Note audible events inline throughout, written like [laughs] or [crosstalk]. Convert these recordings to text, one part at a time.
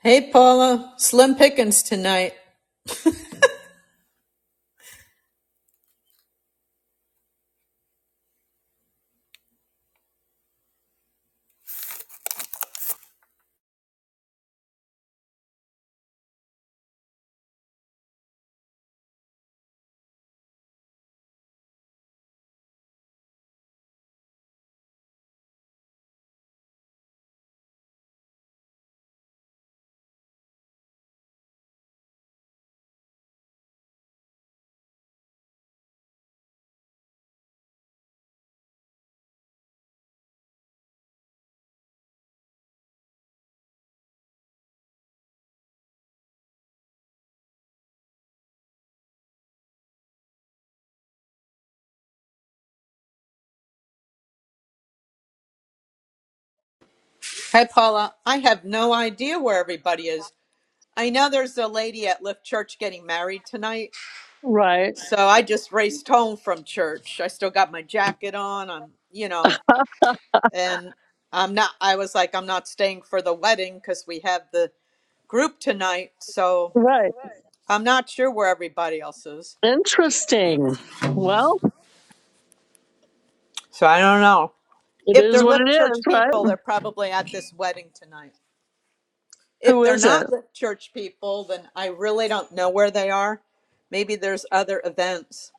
Hey Paula, slim pickings tonight. Hey Paula, I have no idea where everybody is. I know there's a lady at Lift Church getting married tonight, Right. so I just raced home from church. I still got my jacket on. I'm, you know, and I'm not. I was like, I'm not staying for the wedding because we have the group tonight. So Right. I'm not sure where everybody else is. Interesting. Well, So I don't know it if is they're what it Lift is, Church right? people. They're probably at this wedding tonight. if Who they're is it? not lit church people, then I really don't know where they are. Maybe there's other events.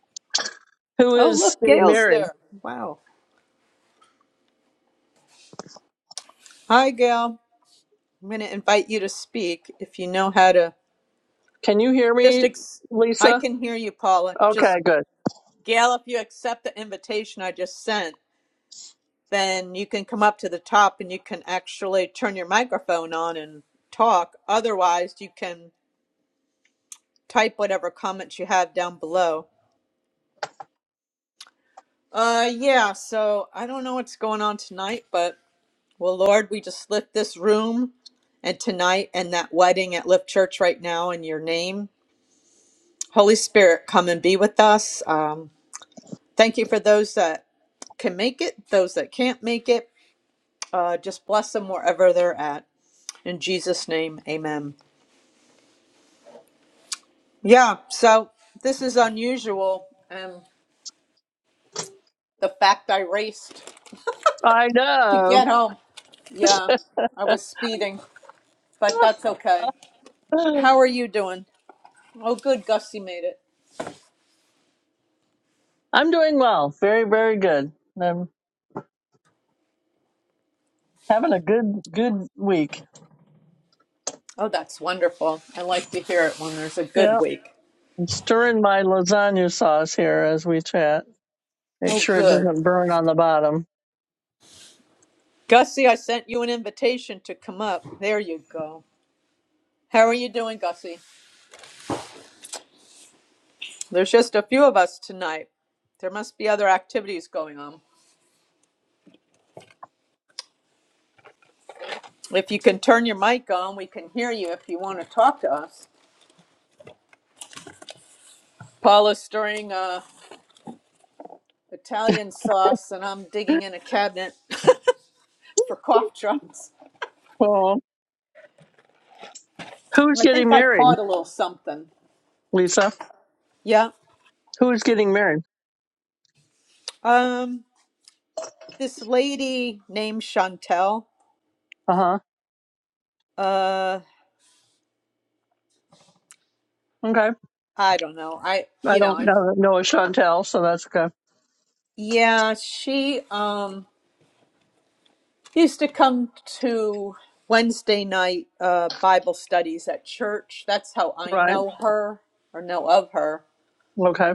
Who Oh, is look, getting Gail's married? there. Wow. Hi, Gail. I'm going to invite you to speak if you know how to. Can you hear Just, me, ex- I Lisa? can hear you, Paula. Okay, Just, good. Gail, if you accept the invitation I just sent, then you can come up to the top and you can actually turn your microphone on and talk. Otherwise, you can type whatever comments you have down below. Uh, yeah, so I don't know what's going on tonight, but well, Lord, we just lift this room and tonight and that wedding at Lift Church right now in your name. Holy Spirit, come and be with us. Um, thank you for those that can make it, those that can't make it. Uh, just bless them wherever they're at. In Jesus' name, amen. Yeah, so this is unusual. And the fact I raced I to know. get home. Yeah, I was speeding, but [laughs] that's okay. How are you doing? Oh, good. Gussie made it. I'm doing well. Very, very good. I'm having a good, good week. Oh, that's wonderful. I like to hear it when there's a Yeah. good week. I'm stirring my lasagna sauce here as we chat. Make Oh, sure it good. doesn't burn on the bottom. Gussie, I sent you an invitation to come up. There you go. How are you doing, Gussie? There's just a few of us tonight. There must be other activities going on. If you can turn your mic on, we can hear you if you want to talk to us. Paula's stirring uh, Italian sauce, and I'm [laughs] digging in a cabinet [laughs] for cough drops. Well, who's I getting think I married, caught a little something. Lisa? Yeah. Who's getting married? Um. this lady named Chantel. Uh huh. Uh, Okay. I don't know. I, I you know, don't I, know know Chantel, so that's good. yeah, she um used to come to Wednesday night uh Bible studies at church. That's how I Right. know her or know of her. Okay.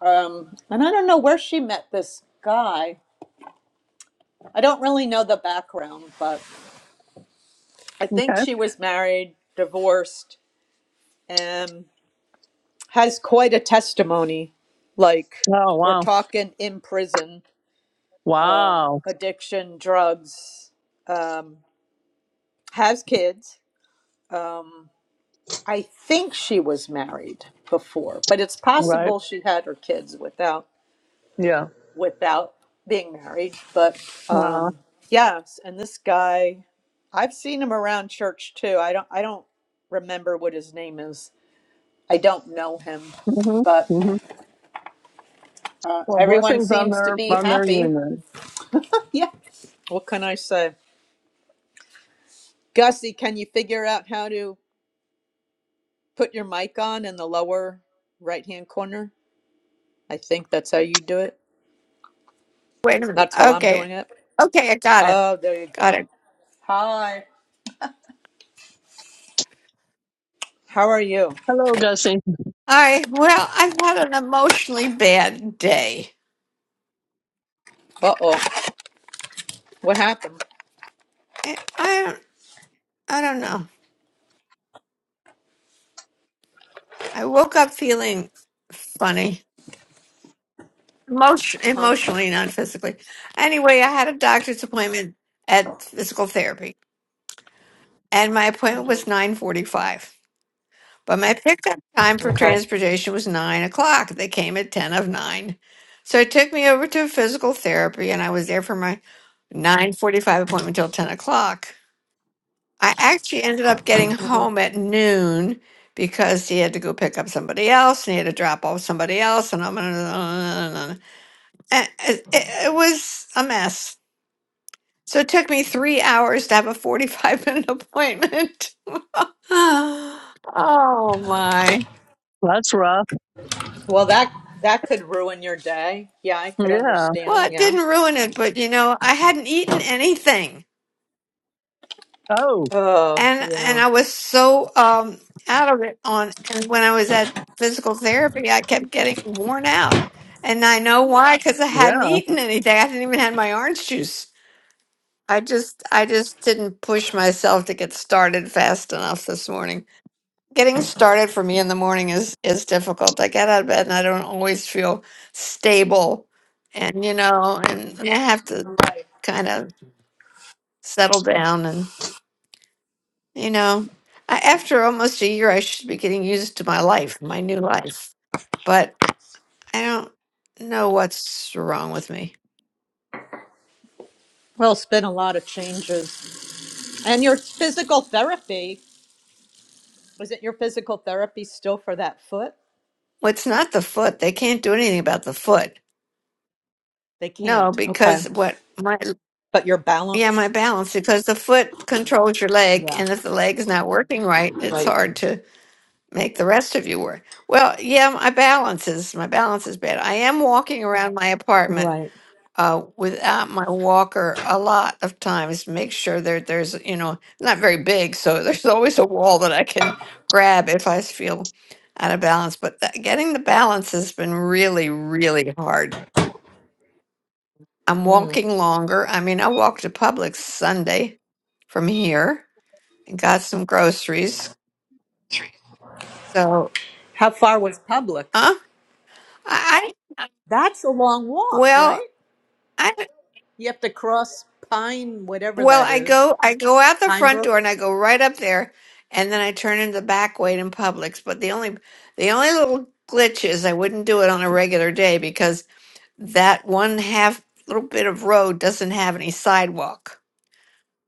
Um, and I don't know where she met this guy. I don't really know the background, but I think Okay. she was married, divorced, and has quite a testimony. Like Oh we're wow. talking in prison. Wow. addiction, drugs, um, has kids. I think she was married before, but it's Right. possible she had her kids without Yeah. without being married. But Wow. um, yes, and this guy, I've seen him around church too. I don't I don't remember what his name is. I don't know him, hmm but hmm uh, Well, everyone blessings on seems to their be on their happy. [laughs] union. Yeah. What can I say? Gussie, can you figure out how to? put your mic on in the lower right hand corner. I think that's how you do it. Wait a minute. That's how I'm doing Okay. it. Okay, I got it. Oh, there you Got go. it. Hi. How are you? Hello, Gussie. All right. Well, I've had an emotionally bad day. Uh oh. What happened? I I don't I don't know. I woke up feeling funny. Emotion, Uh huh. emotionally, not physically. Anyway, I had a doctor's appointment at physical therapy, and my appointment hmm was 9:45. But my pickup time for Okay. transportation was nine o'clock. They came at ten of nine. So it took me over to physical therapy and I was there for my nine forty five appointment till ten o'clock. I actually ended up getting Mm-hmm. home at noon because he had to go pick up somebody else and he had to drop off somebody else and I'm [laughs] and it, it it was a mess. So it took me three hours to have a forty five minute appointment. [laughs] oh my. That's rough. Well, that that could ruin your day. Yeah, I could Yeah. Well, understand. it Yeah. didn't ruin it, but you know, I hadn't eaten anything, Oh. Oh, and and yeah. I was so um out of it on. And when I was at physical therapy, I kept getting worn out, and I know why because I hadn't Yeah. eaten anything. I hadn't even had my orange juice. I just I just didn't push myself to get started fast enough this morning. Getting started for me in the morning is is difficult. I get out of bed and I don't always feel stable, and you know, and, and I have to. Right. kind of. settle down and you know I, after almost a year i should be getting used to my life my new life but i don't know what's wrong with me Well, it's been a lot of changes. And your physical therapy, was it your physical therapy still for that foot? well, it's not the foot they can't do anything about the foot They no can't. because Okay. what my But your yeah my balance. balance because the foot controls your leg Yeah. and if the leg is not working right it's Right. hard to make the rest of you work well yeah my balance is my balance is bad i am walking around my apartment Right. uh, without my walker a lot of times make sure that there's you know not very big so [laughs] there's always a wall that i can grab if i feel out of balance but that, getting the balance has been really really hard i'm Mm. walking longer i mean i walked to Publix sunday from here and got some groceries so How far was huh? Publix? i I- That's a long walk, right? well I You have to cross Pine, whatever Well, that I is. go I go out the front Pinebrook? door and I go right up there and then I turn in the back way in Publix. But the only the only little glitch is I wouldn't do it on a regular day because that one half little bit of road doesn't have any sidewalk.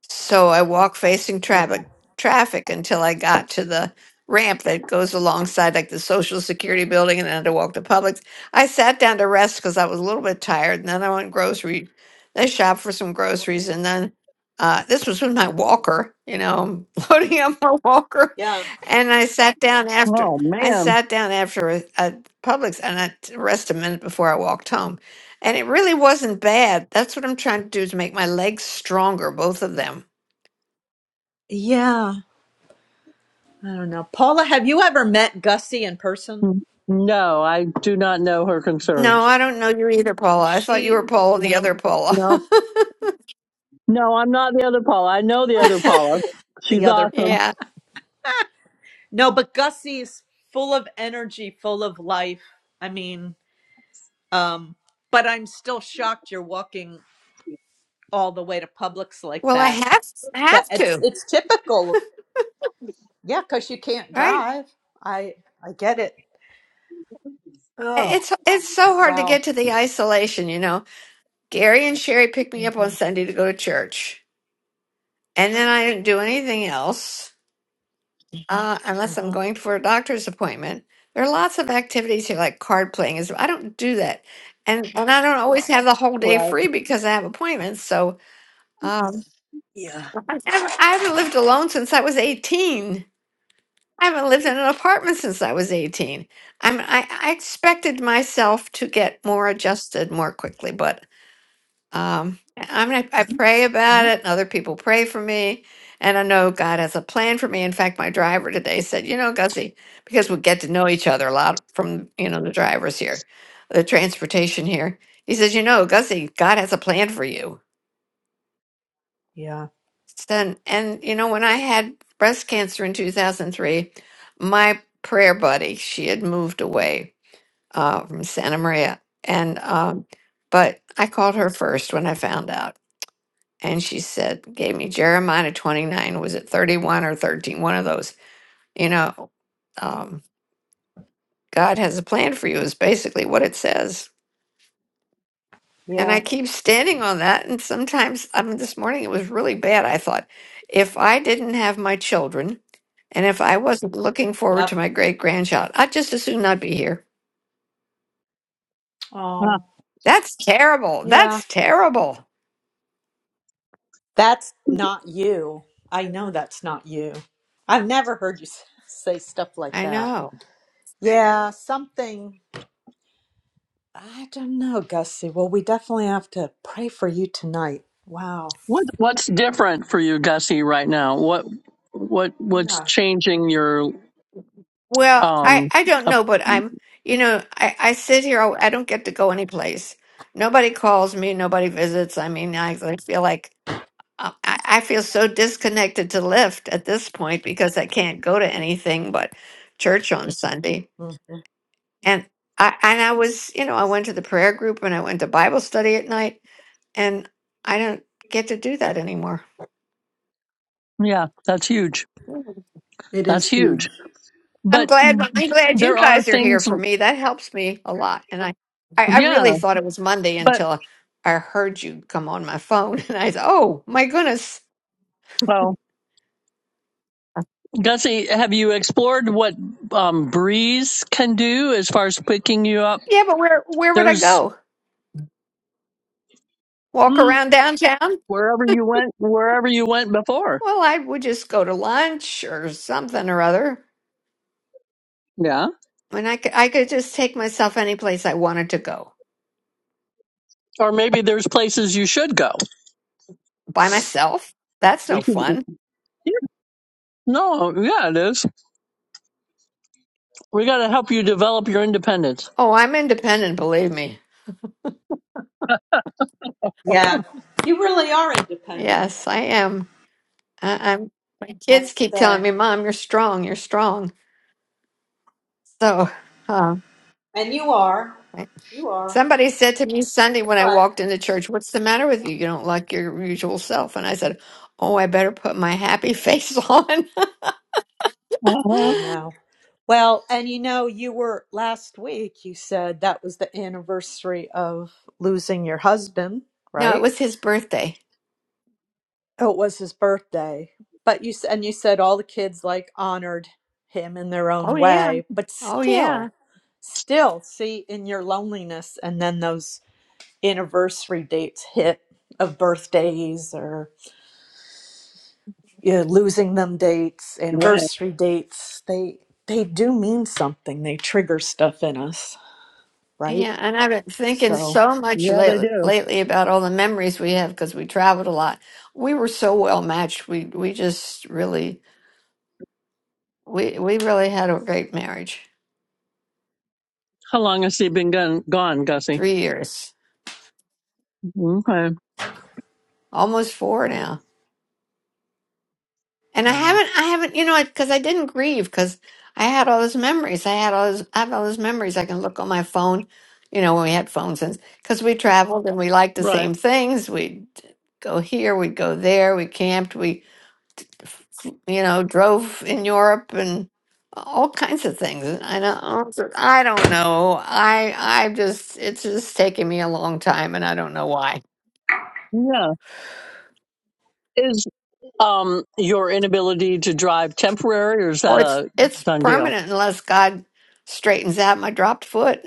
So I walked facing Okay. traffic traffic until I got to the ramp that goes alongside like the Social Security building and then I walked to walk to Publix. I sat down to rest because I was a little bit tired and then I went grocery I shopped for some groceries and then uh, this was with my walker, you know, I'm [laughs] loading up my walker. Yeah. And I sat down after Oh I man. sat down after a, a Publix and I t- rest a minute before I walked home. And it really wasn't bad. That's what I'm trying to do is make my legs stronger, both of them. Yeah. I don't know. Paula, have you ever met Gussie in person? No, I do not know her No. No, concerns. I don't know you either, Paula. Was I thought you she were Paula, the other Paula. No. No, I'm not the other Paula. I know the other Paula. She's the other [laughs] [laughs] awesome. Paul? yeah. No, but Gussie's full of energy, full of life. I mean, um, but I'm still shocked you're walking all the way to Publix like Well, I that. have I But have it's to, it's typical. Yeah, because you can't right? drive. I I get it. Oh It's it's so hard to wow. get to the isolation, you know. Gary and Sherry picked me mm up on Mhm. Sunday to go to church, and then I didn't do anything else uh, mm unless I'm Mhm. going for a doctor's appointment. There are lots of activities here, like card playing. Is I don't do that, and and I don't always have the whole day Right. free because I have appointments. So um, Yeah. I haven't I haven't lived alone since I was 18. I haven't lived in an apartment since I was 18. I'm, I, I expected myself to get more adjusted more quickly, but um, I- I'm, I, I pray about Yeah. it, and other people pray for me, and I know God has a plan for me. In fact, my driver today said, You know, Gussie, because we get to know each other a lot from, you know, the drivers here, the transportation here. He says, You know, Gussie, God has a plan for you. Yeah. And, and you know, when I had breast cancer in 2003, my prayer buddy, she had moved away uh, from Santa Maria. And, um, but I called her first when I found out. And she said, gave me Jeremiah 29, was it 31 or 13? One of those, you know, um, God has a plan for you is basically what it says. And Yeah. I keep standing on that. And sometimes, I mean, this morning it was really bad. I thought, if I didn't have my children and if I wasn't looking forward to Yep. my great grandchild, I'd just as soon not be here. Oh That's terrible. yeah. That's terrible. That's not you. I know that's not you. I've never heard you s- say stuff like I that. know. Yeah. Something. I don't know, Gussie. Well, we definitely have to pray for you tonight. Wow. What what's different for you, Gussie, right now? What what what's Yeah. changing your Well, I, um I don't up, know, but I'm, you know, I, I sit here, I I don't get to go anyplace. Nobody calls me, nobody visits. I mean, I, I feel like, Uh, I, I feel so disconnected to Lyft at this point because I can't go to anything but church on Sunday. Mhm. And I and I was, you know, I went to the prayer group and I went to Bible study at night, and I don't get to do that anymore. yeah, that's huge. Mm. It That's is huge. huge. I'm But glad I'm glad you there are guys are here things for me. That helps me a lot. And I I, I yeah, really thought it was Monday but until I heard you come on my phone, [laughs] and I said, "Oh my goodness, well Gussie, have you explored what um, Breeze can do as far as picking you up? yeah." But where where would I There's go? Walk mm, around downtown? wherever you went, wherever you went before. Well, I would just go to lunch or something or other. Yeah, And I could, I could just take myself any place I wanted to go or maybe there's places you should go. by myself. That's no We can. fun. yeah, No, yeah, it is. We got to help you develop your independence. Oh, I'm independent, believe me. Yeah. You really are independent. Yes, I am. I, I'm. My I have to kids keep telling say. me, "Mom, you're strong. You're strong." So, uh, And you are. You are. somebody said to me Sunday when I But walked into church, "What's the matter with you? You don't like your usual self." And I said, "Oh, I better put my happy face [laughs] on." Uh-huh. I know. Well, and you know, you were last week, you said that was the anniversary of losing your husband, no, it right? was his birthday Oh, it was his birthday. But you s- and you said all the kids like honored him in their Oh own yeah. way, but Oh yeah. still, still see in your loneliness and then those anniversary dates hit of birthdays or. yeah, losing them dates, Right. anniversary dates, they they do mean something. They trigger stuff in us, right? Yeah. And I've been thinking So, so much Yeah, they lately, do. lately about all the memories we have because we traveled a lot. We were so well matched. We we just really we we really had a great marriage. How long has he been gone, gone Gussie? Three years, Okay. almost four now. And I wow. haven't I haven't you know because I didn't grieve because I had all those memories. I had all those I have all those memories. I can look on my phone. You know when we had phones and because we traveled and we liked the Right. same things. We'd go here, we'd go there, we camped, we you know, drove in Europe and all kinds of things. And I don't, I don't know. I, I just, it's just taken me a long time, and I don't know why. Yeah. Is um your inability to drive temporary or is Oh, that it's, a it's done deal? permanent unless God straightens out my dropped foot.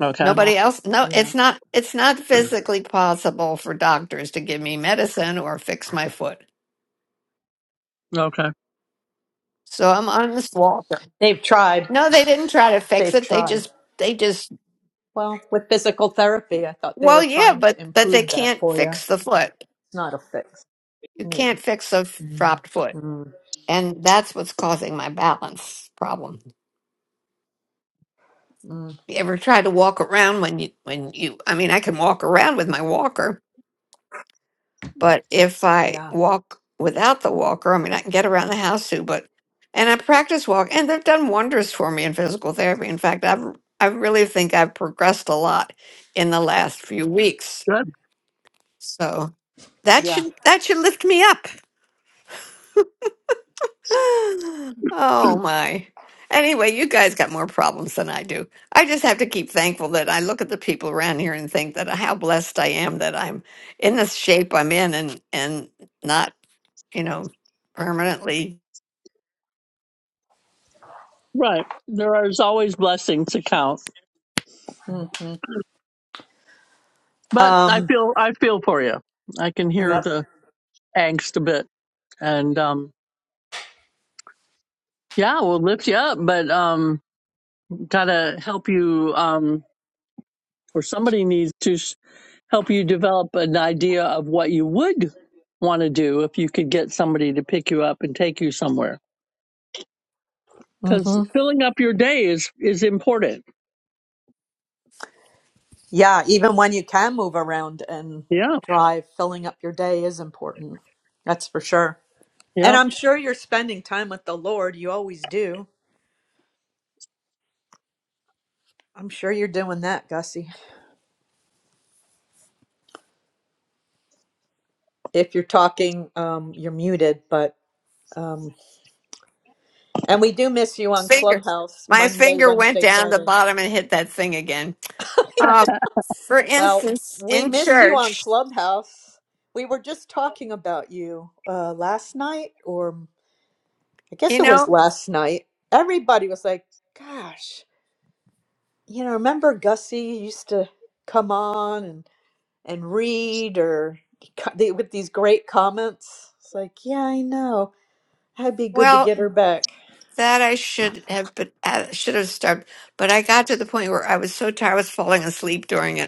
Okay. Yeah. Nobody else. No, Yeah. it's not. It's not physically possible for doctors to give me medicine or fix my foot. Okay. So I'm on this walker. They've tried. No, they didn't try to fix They've it. They tried. just, they just. Well, with physical therapy, I thought they Well, were yeah, trying but to but they improve that can't for you. fix the foot. It's not a fix. You Yeah. can't fix a f- dropped foot. Mm, And that's what's causing my balance problem. mm, You ever try to walk around when you, when you, I mean, I can walk around with my walker, but if I yeah. walk without the walker, I mean, I can get around the house too, but, and I practice walk and they've done wonders for me in physical therapy. In fact, I've, I really think I've progressed a lot in the last few weeks. Good. So that Yeah. should, that should lift me up. [sighs] Oh my. Anyway, you guys got more problems than I do. I just have to keep thankful that I look at the people around here and think that how blessed I am that I'm in the shape I'm in and and not, you know, permanently Right. There are always blessings to count. hmm But I Um, feel I feel for you. I can hear yep. the angst a bit. And um yeah, we'll lift you up, but um gotta help you um or somebody needs to help you develop an idea of what you would want to do if you could get somebody to pick you up and take you somewhere. Because hmm filling up your day is is important. Yeah. Even when you can move around and Yeah, drive, filling up your day is important. That's for sure. And yeah. I'm sure you're spending time with the Lord. You always do. I'm sure you're doing that, Gussie. If you're talking, um, you're muted, but um, and we do miss you on finger. Clubhouse My Monday, finger went Wednesday, down the Friday. bottom and hit that thing again. Uh, for Well, instance, we in miss you on church, Clubhouse. We were just talking about you uh, last night, or I you guess it was know, last night. Everybody was like, "Gosh, you know, remember Gussie used to come on and read or they- with these great comments. It's like, yeah, I know. That'd be good to well, get her back. that I should have, but uh, should have started. But I got to the point where I was so tired, I was falling asleep during it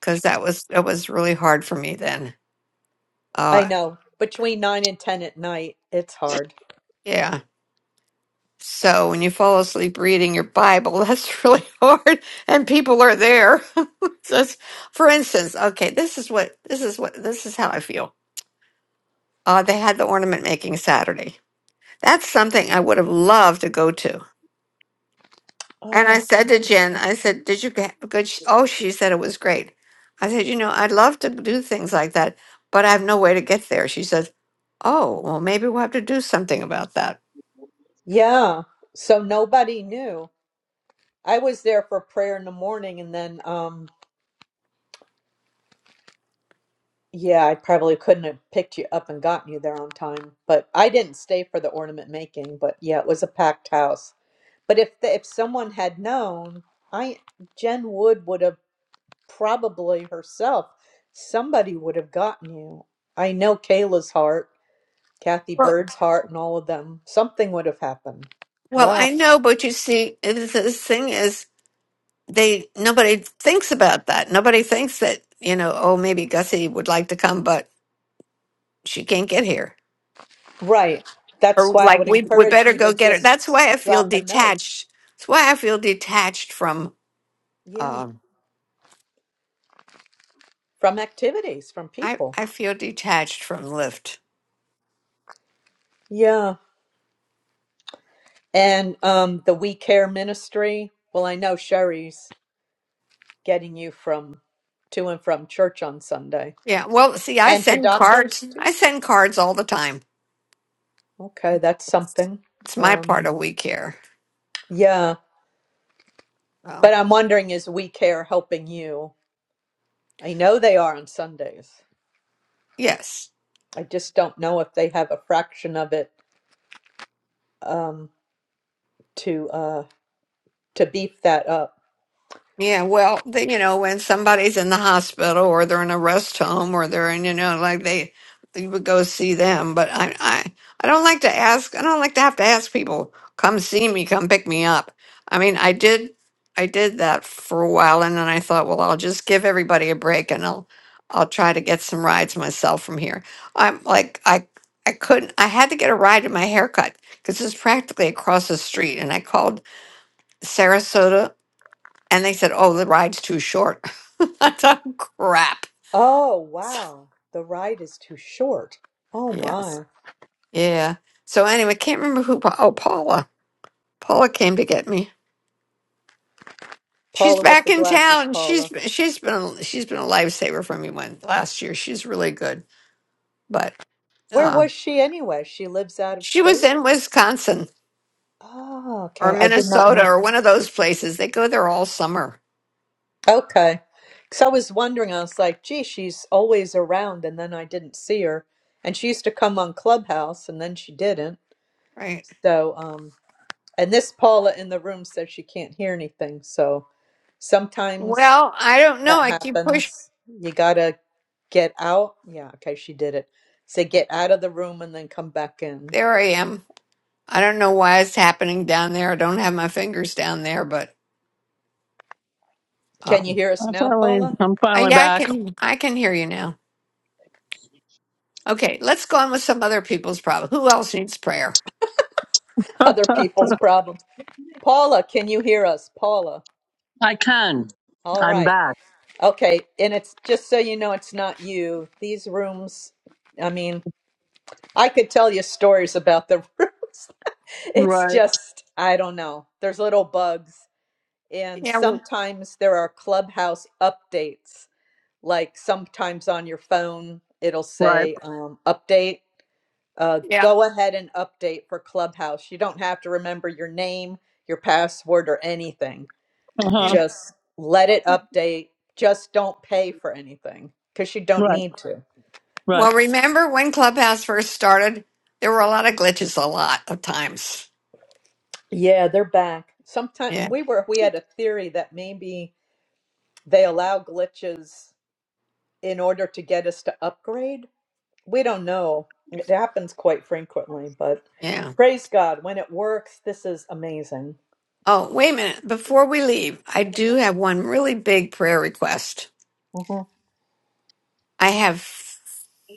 because that was that was really hard for me then. I Uh, know. Between nine and ten at night, it's hard. yeah. So when you fall asleep reading your Bible, [laughs] that's really hard, and people are there. [laughs] Just for instance, okay, this is what this is what this is how I feel. Uh, they had the ornament making Saturday. That's something I would have loved to go to. And I Oh, said to Jen, I said, "Did you get a good?" sh-" Oh, she said it was great. I said, "You know, I'd love to do things like that, but I have no way to get there." She says, "Oh, well, maybe we'll have to do something about that." yeah. So nobody knew. I was there for prayer in the morning, and then, um, yeah, I probably couldn't have picked you up and gotten you there on time. But I didn't stay for the ornament making. But yeah, it was a packed house. But if the, if someone had known, I Jen Wood would have probably herself, somebody would have gotten you. I know Kayla's heart, Kathy Well, Bird's heart, and all of them. Something would have happened. well, I Wow. know, but you see, it- is- the thing is, they nobody thinks about that. Nobody thinks that you know. Oh, maybe Gussie would like to come, but she can't get here, Right. That's or why I like would we we encourage better you go to get her. just That's why I feel drop a note. detached. That's why I feel detached from. Yeah. Um, From activities, from I people. I feel detached from Lyft. Yeah. And um, the We Care Ministry. Well, I know Sherry's getting you from to and from church on Sunday. Yeah. Well, see, I And to send doctors cards. too. I send cards all the time. Okay, that's something. It's my part Um, of we care. yeah. Well, But I'm wondering is We Care helping you? I know they are on Sundays. yes. I just don't know if they have a fraction of it um, to uh, to beef that up. Yeah, well, they, you know, when somebody's in the hospital or they're in a rest home or they're in, you know, like they, you would go see them. But I, I, I don't like to ask. I don't like to have to ask people, come see me, come pick me up. I mean, I did, I did that for a while, and then I thought, well, I'll just give everybody a break and I'll, I'll try to get some rides myself from here. I'm like, I, I couldn't. I had to get a ride to my haircut because it's practically across the street, and I called Sarasota and they said, oh, the ride's too short. [laughs] I thought, crap. Oh wow, the ride is too short. Oh Yes. my, Yeah. So anyway, can't remember who. Pa- Oh, Paula. Paula came to get me. She's Paula with back the in glasses, town. She's Paula. she's been she's been a lifesaver for me when last year. She's really good. But Where uh, was she anyway? She lives out of she was state. in Wisconsin Oh, or okay. I did not Minnesota know. or one of those places. They go there all summer, Okay. Because I was wondering, I was like, gee, she's always around, and then I didn't see her. And she used to come on Clubhouse, and then she didn't. right? So, um, and this Paula in the room says she can't hear anything. So sometimes Well, I don't know. that I keep pushing. happens. You gotta get out. Yeah, okay, she did it. Say get out of the room and then come back in. There I am. I don't know why it's happening down there. I don't have my fingers down there, but. Can you um, hear us I now, finally, Paula? I'm Uh, finally yeah, I back. can I can hear you now. Okay, let's go on with some other people's problem. Who else needs prayer? [laughs] Other people's problems. Paula, can you hear us? Paula. I can. All I'm right. back. Okay. And it's just so you know, it's not you. These rooms, I mean, I could tell you stories about the [laughs] rooms. It's Right, just, I don't know. There's little bugs And Yeah, well, sometimes there are clubhouse updates, like sometimes on your phone, it'll right. say um, update. Uh, yeah, go ahead and update for Clubhouse. You don't have to remember your name, your password, or anything. Uh huh. yeah. Just let it update. Just don't pay for anything because you don't Right, need to. right. Well, remember when Clubhouse first started? There were a lot of glitches, a lot of times. Yeah, they're back. Sometime Yeah, we were we had a theory that maybe they allow glitches in order to get us to upgrade we don't know. It happens quite frequently, but yeah. praise God when it works. This is amazing. Oh, wait a minute. Before we leave, I do have one really big prayer request. hmm I have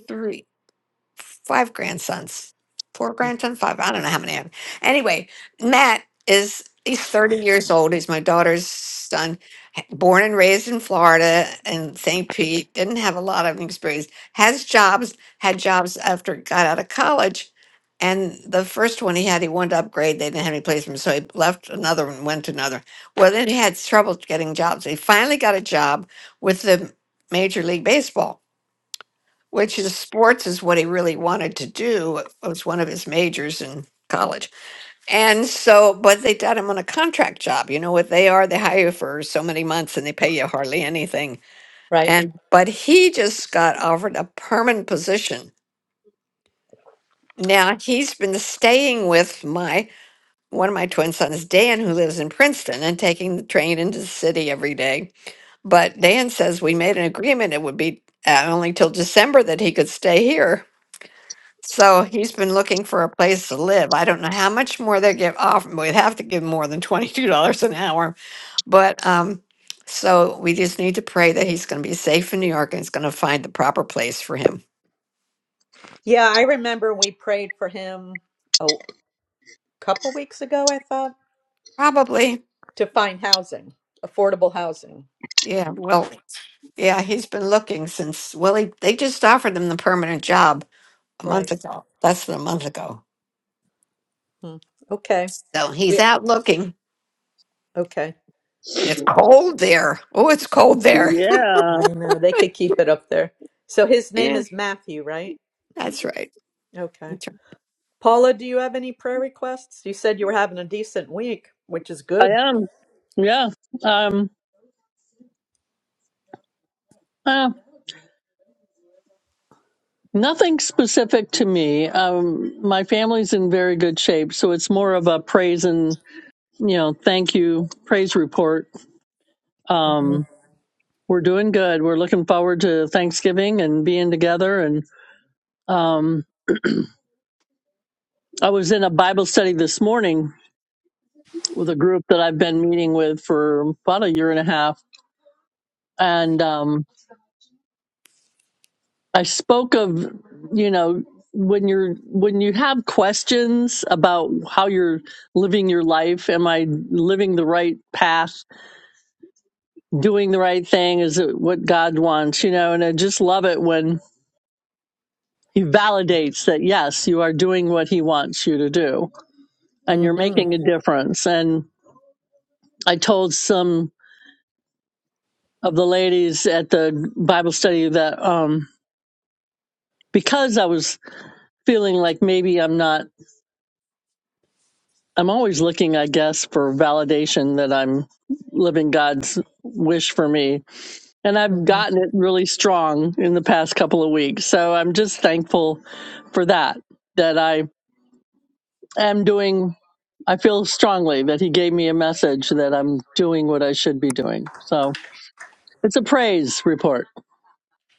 three. five grandsons, four grandsons, five. I don't know how many I have. Anyway, Matt is he's 30 years old. He's my daughter's son, h- born and raised in Florida in St. Pete. Didn't have a lot of experience. Has jobs, had jobs after he got out of college. And the first one he had, he wanted to upgrade. They didn't have any place for him, so he left another one, went to another. Well, then he had trouble getting jobs. He finally got a job with the Major League Baseball which is sports is what he really wanted to do. It was one of his majors in college. And so, but they got him on a contract job. You know what they are? They hire you for so many months and they pay you hardly anything. Right? And, but he just got offered a permanent position. Now he's been staying with my, one of my twin sons, Dan, who lives in Princeton and taking the train into the city every day. But Dan says we made an agreement. It would be uh, only till December that he could stay here So he's been looking for a place to live. I don't know how much more they give off. We'd have to give more than [laughs] $22 an hour. But um, so we just need to pray that he's going to be safe in New York and he's going to find the proper place for him. Yeah, I remember we prayed for him a couple weeks ago. I thought Probably. to find housing, affordable housing. Yeah. Well, yeah, he's been looking since, well, he, they just offered him the permanent job a month Right. ago, less than a month ago. Hmm. Okay. So he's We out looking and okay. it's cold there. Oh, it's cold there. Yeah, I know they could keep it up there. So his [laughs] name Yeah, is Matthew, right? that's right. Okay. Paula, do you have any prayer requests? You said you were having a decent week, which is I good. am. Yeah. Um. Uh, nothing specific to me. Um. My family's in very good shape, so it's more of a praise and you know, thank you praise report um, hmm we're doing good. We're looking forward to Thanksgiving and being together. And um, I was in a Bible study this morning with a group that I've been meeting with for about a year and a half, and um, I spoke of you know when you're when you have questions about how you're living your life am i living the right path doing the right thing is it what god wants you know and i just love it when He validates that, yes, you are doing what he wants you to do and you're making a difference. And I told some of the ladies at the Bible study that um, because I was feeling like maybe I'm not, I'm always looking, I guess, for validation that I'm living God's wish for me. And I've hmm gotten it really strong in the past couple of weeks. So I'm just thankful for that, that I am doing I feel strongly that he gave me a message that I'm doing what I should be doing. So it's a praise report.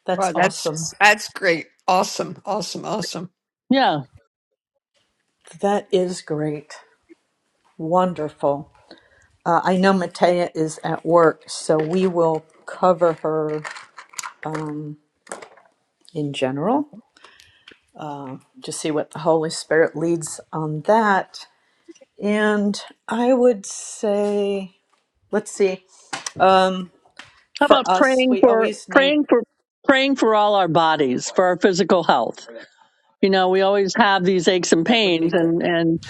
That's Well, awesome. that's that's great. Awesome. Awesome. Awesome. Yeah. That is great. Wonderful. Uh, I know Matea is at work, so we will cover her um, in general uh, to see what the Holy Spirit leads on that. And I would say, let's see, um, How about for us, praying we for always need praying for praying for all our bodies, for our physical health? You know, we always have these aches and that would be pains good, and and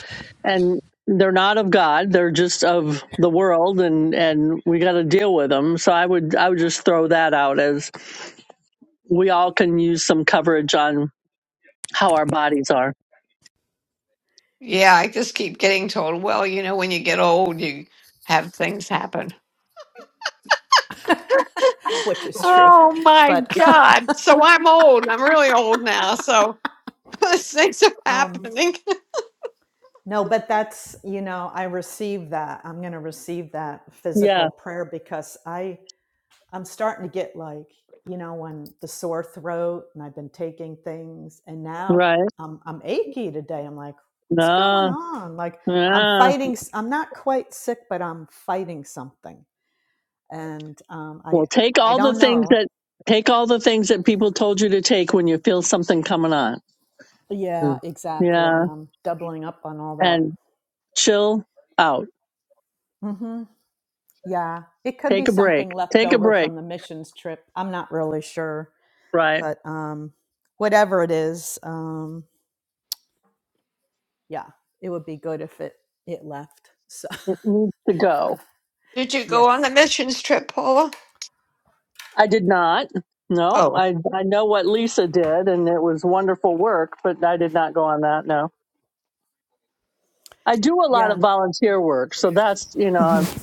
and they're not of God. They're just of the world and and we got to deal with them. So I would I would just throw that out as we all can use some coverage on how our bodies are. Yeah, I just keep getting told, well, you know, when you get old, you have things happen. [laughs] [laughs] which is true. Oh my But God. So I'm old. I'm really old now. So [laughs] those things are [laughs] um, happening. No, but that's, you know, I receive that. I'm going to receive that physical Yeah. prayer because I I'm starting to get like, you know, when the sore throat and I've been taking things and now Right. I'm I'm achy today. I'm like, what's going No. on? Like I'm Yeah. fighting s- I'm not quite sick, but I'm fighting something. And um I Well, take I all the don't things know. that take all the things that people told you to take when you feel something coming on. Yeah, Mm. exactly. Yeah, And I'm doubling up on all that. and chill out. Mm-hmm. Yeah, it could be Take a break. something left Take a over break. from the missions trip. I'm not really sure, Right. but um, whatever it is, um, yeah, it would be good if it it left. So It needs to go. [laughs] Did you [laughs] go on yes, the missions trip, Paula? I did not. No, Oh, I I know what Lisa did, and it was wonderful work, but I did not go on that. No, I do a lot of yeah, volunteer work, so that's you know I'm, Mhm.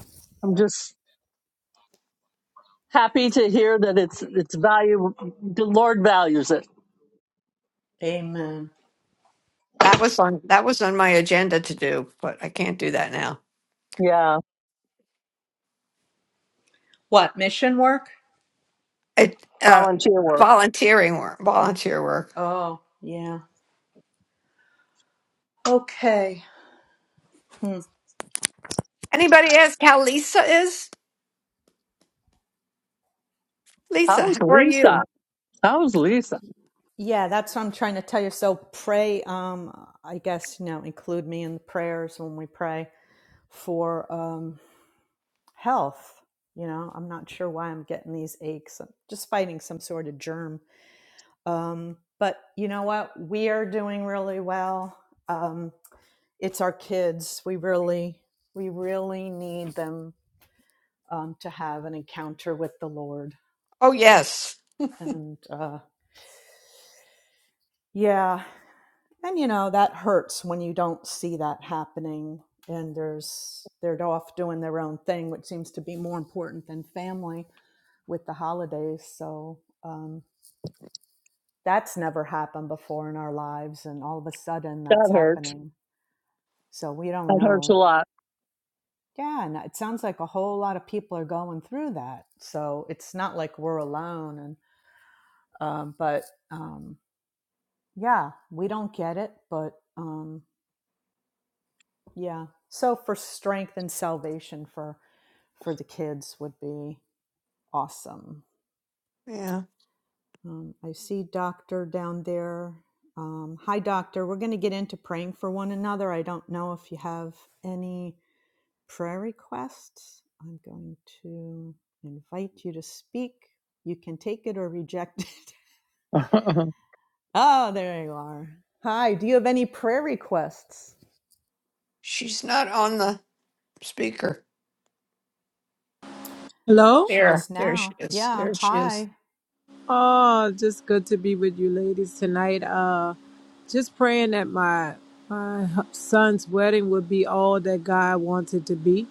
I'm just happy to hear that it's it's value. The Lord values it. amen. that was on that was on my agenda to do, but I can't do that now. Yeah, What mission work? It uh volunteer work. volunteering work, volunteer work. Oh yeah. Okay. Hmm. Anybody ask how Lisa is? Lisa, How's how are Lisa? you? That was Lisa. Yeah, that's what I'm trying to tell you. So pray. Um, I guess you know, include me in the prayers when we pray for. um health. You know, I'm not sure why I'm getting these aches. I'm just fighting some sort of germ. Um, but you know what? We are doing really well. Um, it's our kids. We really, we really need them um, to have an encounter with the Lord. Oh, yes. And uh, yeah, and you know that hurts when you don't see that happening. And there's they're off doing their own thing, which seems to be more important than family with the holidays. So. Um, that's never happened before in our lives and all of a sudden That that's hurt. happening so we don't That hurts a know lot. yeah and it sounds like a whole lot of people are going through that so it's not like we're alone and um, but um, yeah we don't get it but um, yeah so for strength and salvation for for the kids would be awesome Yeah, um, i see doctor down there um, hi doctor we're going to get into praying for one another i don't know if you have any prayer requests. I'm going to invite you to speak. You can take it or reject it. [laughs] [laughs] Oh, there you are. Hi, do you have any prayer requests? she's not on the speaker. Hello. She There, is there she now. is. Yeah, There she is. hi. Oh, just good to be with you ladies tonight. Uh just praying that my my son's wedding would be all that God wants it to be.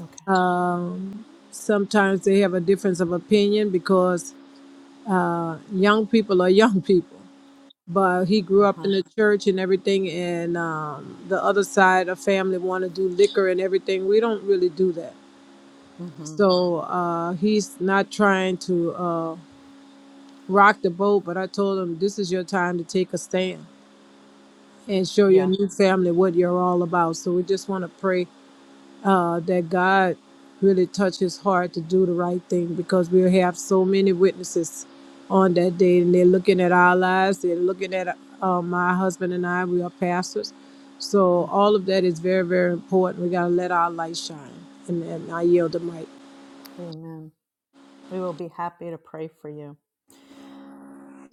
Okay. Um sometimes they have a difference of opinion because uh young people are [laughs] young people. But he Uh grew up huh. in the church and everything and um the other side of family want to do liquor and everything. We don't really do that. Mm hmm. So uh he's not trying to uh. Rock the boat, but I told them this is your time to take a stand and show your Yeah. new family what you're all about. So we just want to pray uh, that God really touch his heart to do the right thing because we'll have so many witnesses on that day and they're looking at our lives, they're looking at uh, my husband and I, we are pastors. So Mm hmm. all of that is very, very important. We got to let our light shine. And, and I yield the mic. Amen. We will be happy to pray for you.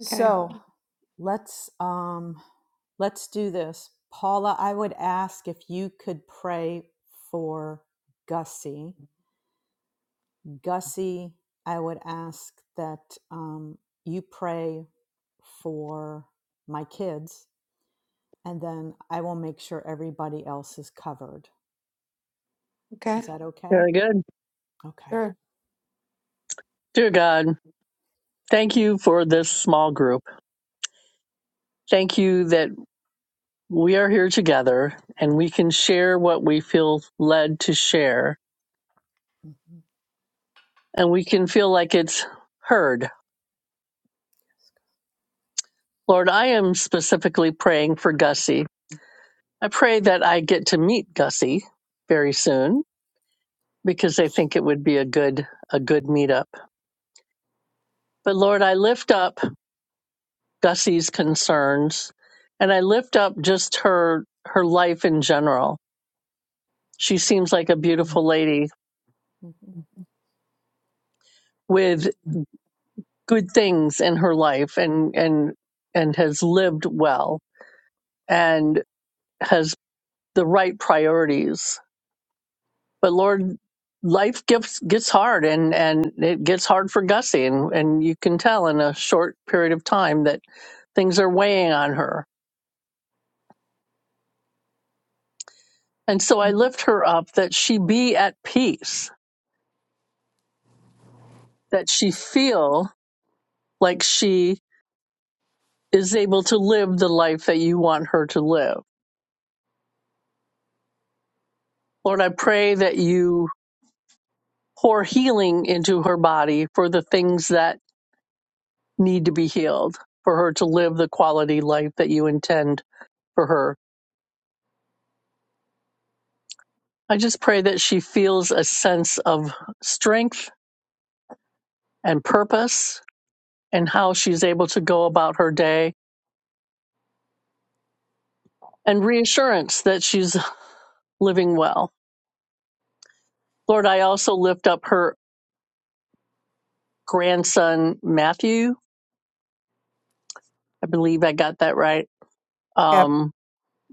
Okay, let's um let's do this. Paula, I would ask if you could pray for Gussie Gussie, I would ask that um, you pray for my kids, and then I will make sure everybody else is covered. okay, Is that okay? Very good. Okay. sure. Dear God, thank you for this small group. Thank you that we are here together and we can share what we feel led to share Mm-hmm. and we can feel like it's heard. Lord, I am specifically praying for Gussie. I pray that I get to meet Gussie very soon because I think it would be a good a good meetup. But Lord, I lift up Gussie's concerns, and I lift up just her her life in general. Let's She go. seems like a beautiful lady Mm-hmm. with good things in her life and and and has lived well and has the right priorities. But Lord, life gets gets hard and and it gets hard for Gussie and and you can tell in a short period of time that things are weighing on her. And so I lift her up that she be at peace, that she feel like she is able to live the life that you want her to live. Lord, I pray that you pour healing into her body for the things that need to be healed, for her to live the quality life that you intend for her. I just pray that she feels a sense of strength and purpose and how she's able to go about her day and reassurance that she's living well. Lord, I also lift up her grandson, Matthew. I believe I got that right Yep. Um,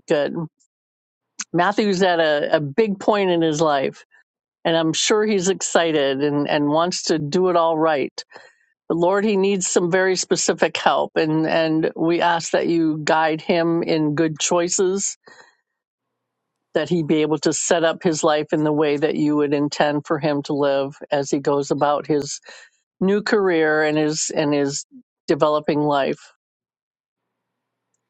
good. Matthew's at a, a big point in his life, and I'm sure he's excited and, and wants to do it all right. But Lord, he needs some very specific help, and, and we ask that you guide him in good choices, that he be able to set up his life in the way that you would intend for him to live as he goes about his new career and his and his developing life.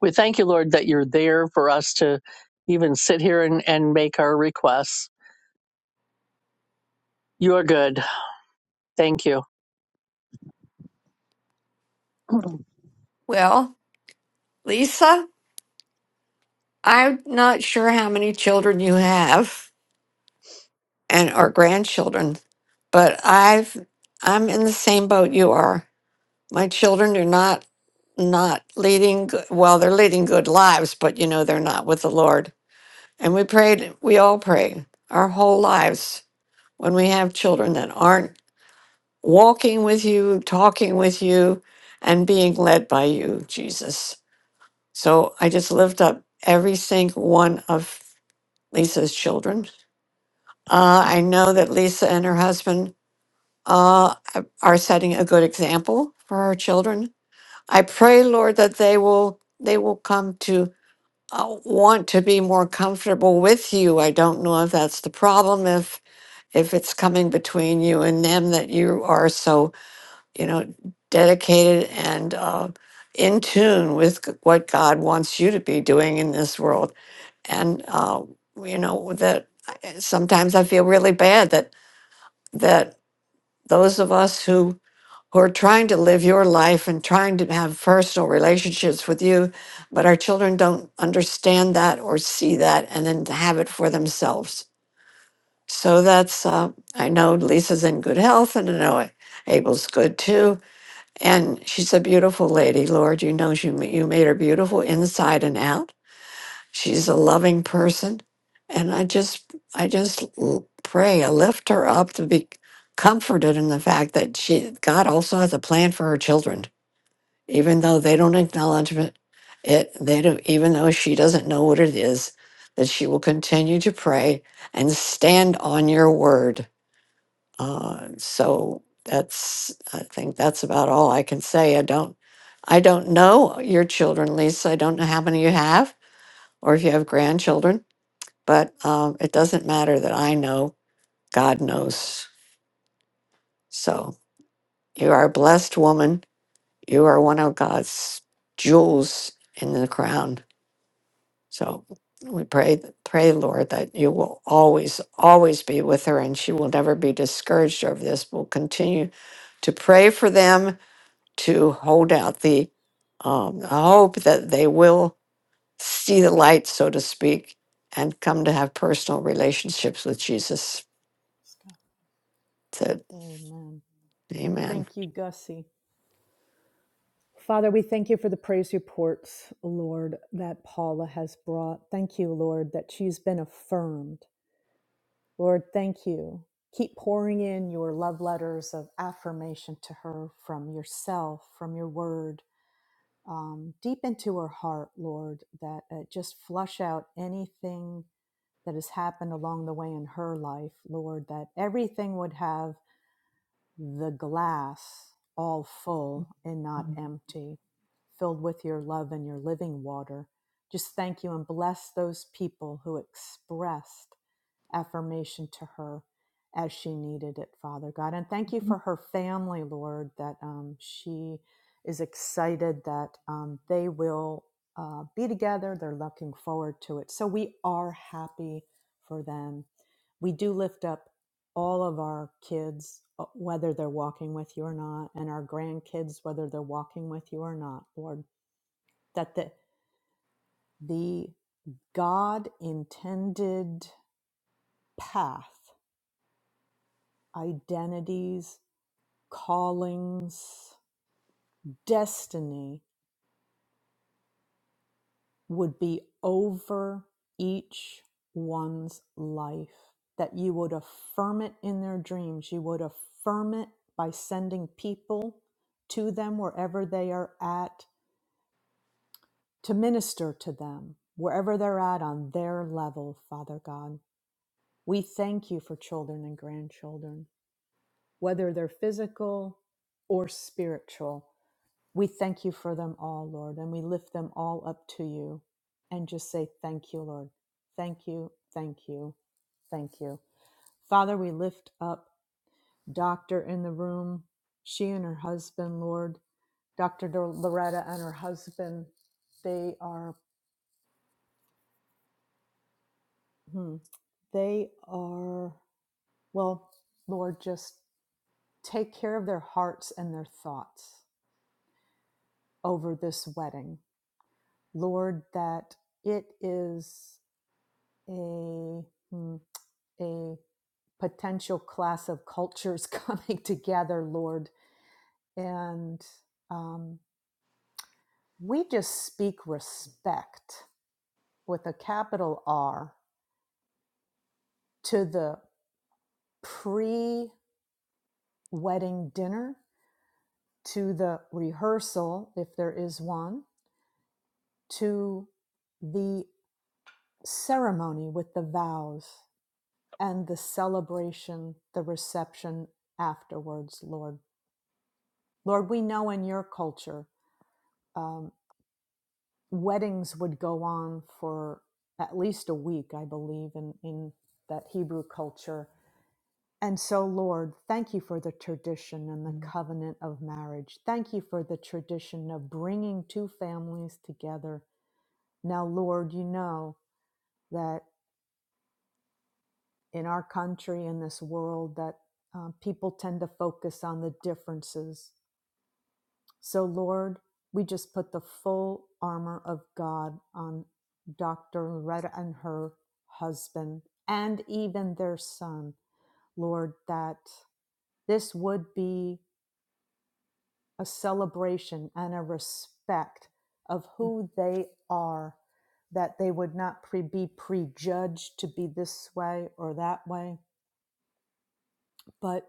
We thank you, Lord, that you're there for us to even sit here and, and make our requests. You are good. Thank you. [clears throat] Well, Lisa, I'm not sure how many children you have and or grandchildren, but I've I'm in the same boat you are. My children are not not leading g- well, they're leading good lives, but you know they're not with the Lord. And we prayed, we all pray our whole lives when we have children that aren't walking with you, talking with you, and being led by you, Jesus. So I just lift up every single one of Lisa's children. Uh, I know that Lisa and her husband uh, are setting a good example for her children. I pray, Lord, that they will they will come to uh, want to be more comfortable with you. I don't know if that's the problem. If if it's coming between you and them that you are so you know, dedicated and uh, in tune with g- what God wants you to be doing in this world. And uh, you know that I- sometimes I feel really bad that that those of us who who are trying to live your life and trying to have personal relationships with you, but our children don't understand that or see that, and then have it for themselves. So that's uh, I know Lisa's in good health, and I know Abel's good too and she's a beautiful lady, Lord. You know, you, you made her beautiful inside and out. She's a loving person. And I just, I just l- pray, I lift her up to be comforted in the fact that she, God also has a plan for her children, even though they don't acknowledge it. It, they don't, even though she doesn't know what it is, that she will continue to pray and stand on your word uh, so that's, I think that's about all I can say. I don't, I don't know your children, Lisa. I don't know how many you have or if you have grandchildren, but um, it doesn't matter that I know. God knows. So you are a blessed woman. You are one of God's jewels in the crown. So we pray, pray, Lord, that you will always, always be with her and she will never be discouraged over this. We'll continue to pray for them to hold out the um, hope that they will see the light, so to speak, and come to have personal relationships with Jesus. Let's go. That, Amen. amen. Thank you, Gussie. Father, we thank you for the praise reports, Lord, that Paula has brought. Thank you, Lord, that she's been affirmed Lord, thank you. Keep pouring in your love letters of affirmation to her from yourself, from your word, um, deep into her heart, Lord, that uh, just flush out anything that has happened along the way in her life, Lord, that everything would have the glass all full and not empty, filled with your love and your living water. Just thank you and bless those people who expressed affirmation to her as she needed it, Father God. And thank you for her family, Lord, that um, she is excited that um, they will uh, be together. They're looking forward to it. So we are happy for them. We do lift up all of our kids, uh, whether they're walking with you or not, and our grandkids, whether they're walking with you or not, Lord, that the, the God intended path identities, callings, destiny would be over each one's life. That you would affirm it in their dreams. You would affirm it by sending people to them wherever they are at to minister to them, wherever they're at on their level, Father God. We thank you for children and grandchildren, whether they're physical or spiritual We thank you for them all, Lord, and we lift them all up to you and just say, Thank you, Lord. Thank you, thank you, thank you. Father, we lift up Doctor in the room, she and her husband, Lord, Dr. Dor- Loretta and her husband. They are, hmm, they are, well, Lord, just take care of their hearts and their thoughts over this wedding. Lord, that it is. a mm, a potential class of cultures [laughs] coming together, Lord, and um, we just speak respect with a capital R to the pre-wedding dinner, to the rehearsal if there is one, to the ceremony with the vows and the celebration, the reception afterwards, Lord. Lord, we know in your culture um, weddings would go on for at least a week, I believe, in, in that Hebrew culture. And so, Lord, thank you for the tradition and the covenant of marriage. Thank you for the tradition of bringing two families together. Now, Lord, you know that in our country, in this world, that um, people tend to focus on the differences So, Lord, we just put the full armor of God on Dr. Loretta and her husband and even their son, Lord, that this would be a celebration and a respect of who they are, that they would not pre- be prejudged to be this way or that way, but.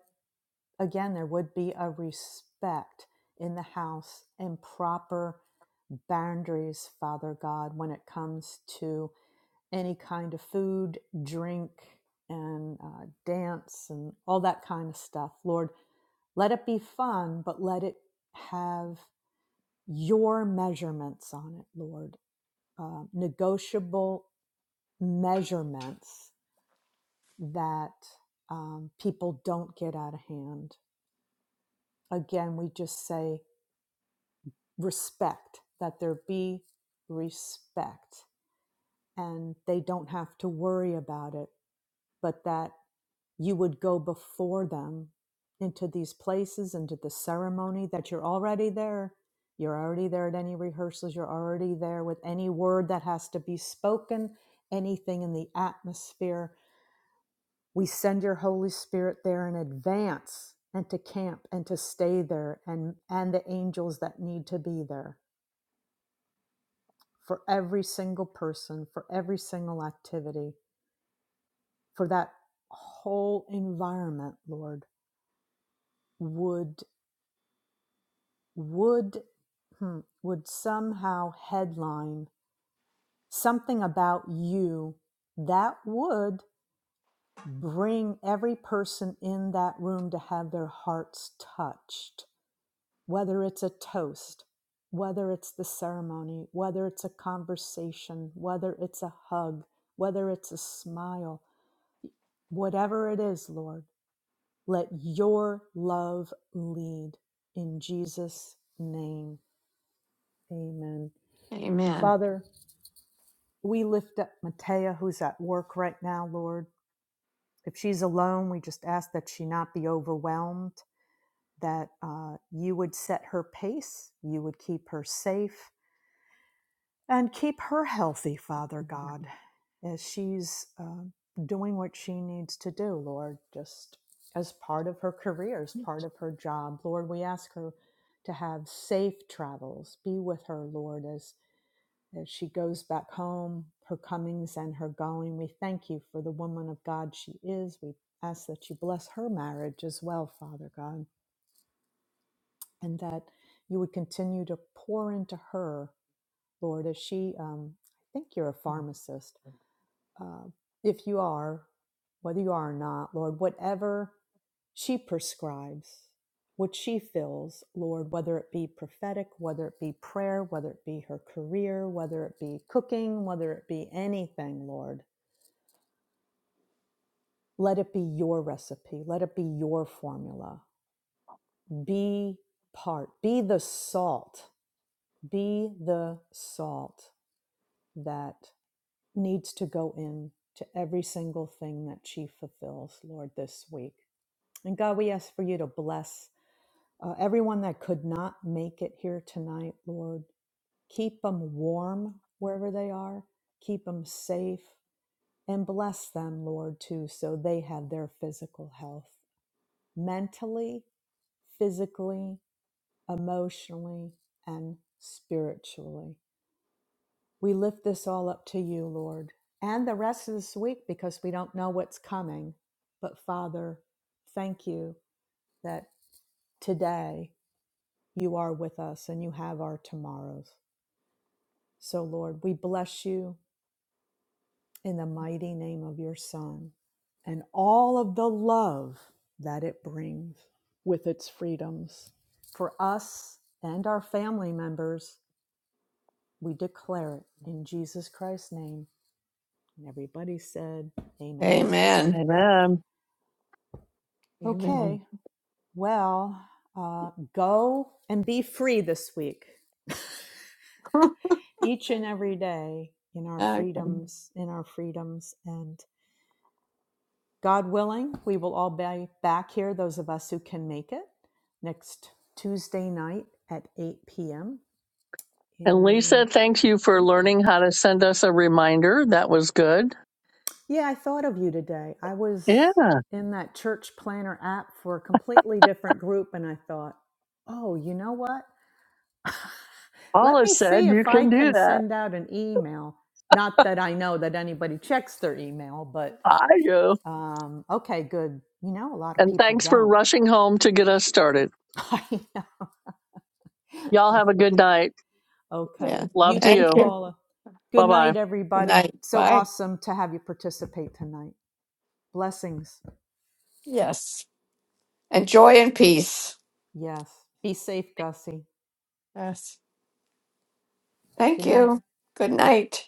again, there would be a respect in the house and proper boundaries, Father God, when it comes to any kind of food, drink, and uh, dance and all that kind of stuff. Lord, let it be fun, but let it have your measurements on it, Lord. Uh, negotiable measurements that um, people don't get out of hand. Again, we just say respect, that there be respect. And they don't have to worry about it, but that you would go before them into these places, into the ceremony, that you're already there. You're already there at any rehearsals. You're already there with any word that has to be spoken, anything in the atmosphere. We send your Holy Spirit there in advance and to camp and to stay there and, and the angels that need to be there for every single person, for every single activity, for that whole environment, Lord, would would hmm, would somehow headline something about you that would bring every person in that room to have their hearts touched, whether it's a toast, whether it's the ceremony, whether it's a conversation, whether it's a hug, whether it's a smile Whatever it is, Lord, let your love lead. In Jesus' name, amen. Amen. Father, we lift up Matea, who's at work right now, Lord. If she's alone, we just ask that she not be overwhelmed, that uh, you would set her pace, you would keep her safe, And keep her healthy, Father God, as she's um doing what she needs to do, Lord, just as part of her career, as part of her job. Lord, we ask her to have safe travels. Be with her, Lord, as, as she goes back home, her comings and her going. We thank you for the woman of God she is. We ask that you bless her marriage as well, Father God, and that you would continue to pour into her Lord, as she, um, I think you're a pharmacist. Uh, if you are, whether you are or not, Lord, whatever she prescribes, what she fills, Lord, whether it be prophetic, whether it be prayer, whether it be her career, whether it be cooking, whether it be anything, Lord, let it be your recipe, let it be your formula. Be part, be the salt, be the salt that needs to go in to every single thing that she fulfills, Lord, this week. And God, we ask for you to bless uh, everyone that could not make it here tonight, Lord. Keep them warm wherever they are, keep them safe, and bless them, Lord, too, so they have their physical health mentally, physically, emotionally, and spiritually. We lift this all up to you, Lord, and the rest of this week because we don't know what's coming. But Father, thank you that today you are with us and you have our tomorrows. So, Lord, we bless you in the mighty name of your Son and all of the love that it brings with its freedoms. For us and our family members, we declare it in Jesus Christ's name. And everybody said, Amen. Amen. Amen. Amen. Okay, well, uh, go and be free this week, [laughs] each and every day in our Okay. freedoms, in our freedoms. And God willing, we will all be back here, those of us who can make it, next Tuesday night at 8 p.m. And Lisa, And thank you for thank you. learning how to send us a reminder. That was good. Yeah, I thought of you today. I was Yeah. in that church planner app for a completely different group, and I thought, oh, you know what? Let Paula me said see you if I can do can that. send out an email. Not that I know that anybody checks their email, but I do. um, okay, good. You know, a lot of And people thanks for don't. rushing home to get us started. [laughs] Y'all have a good night. Yeah. okay. Love You to too, Thank you. you. Paula. Good Bye bye. night, Good everybody. night. So Bye. awesome to have you participate tonight. Blessings. Yes. And joy and peace. Yes. Be safe, Gussie. Yes. Good Thank night. you. Good night.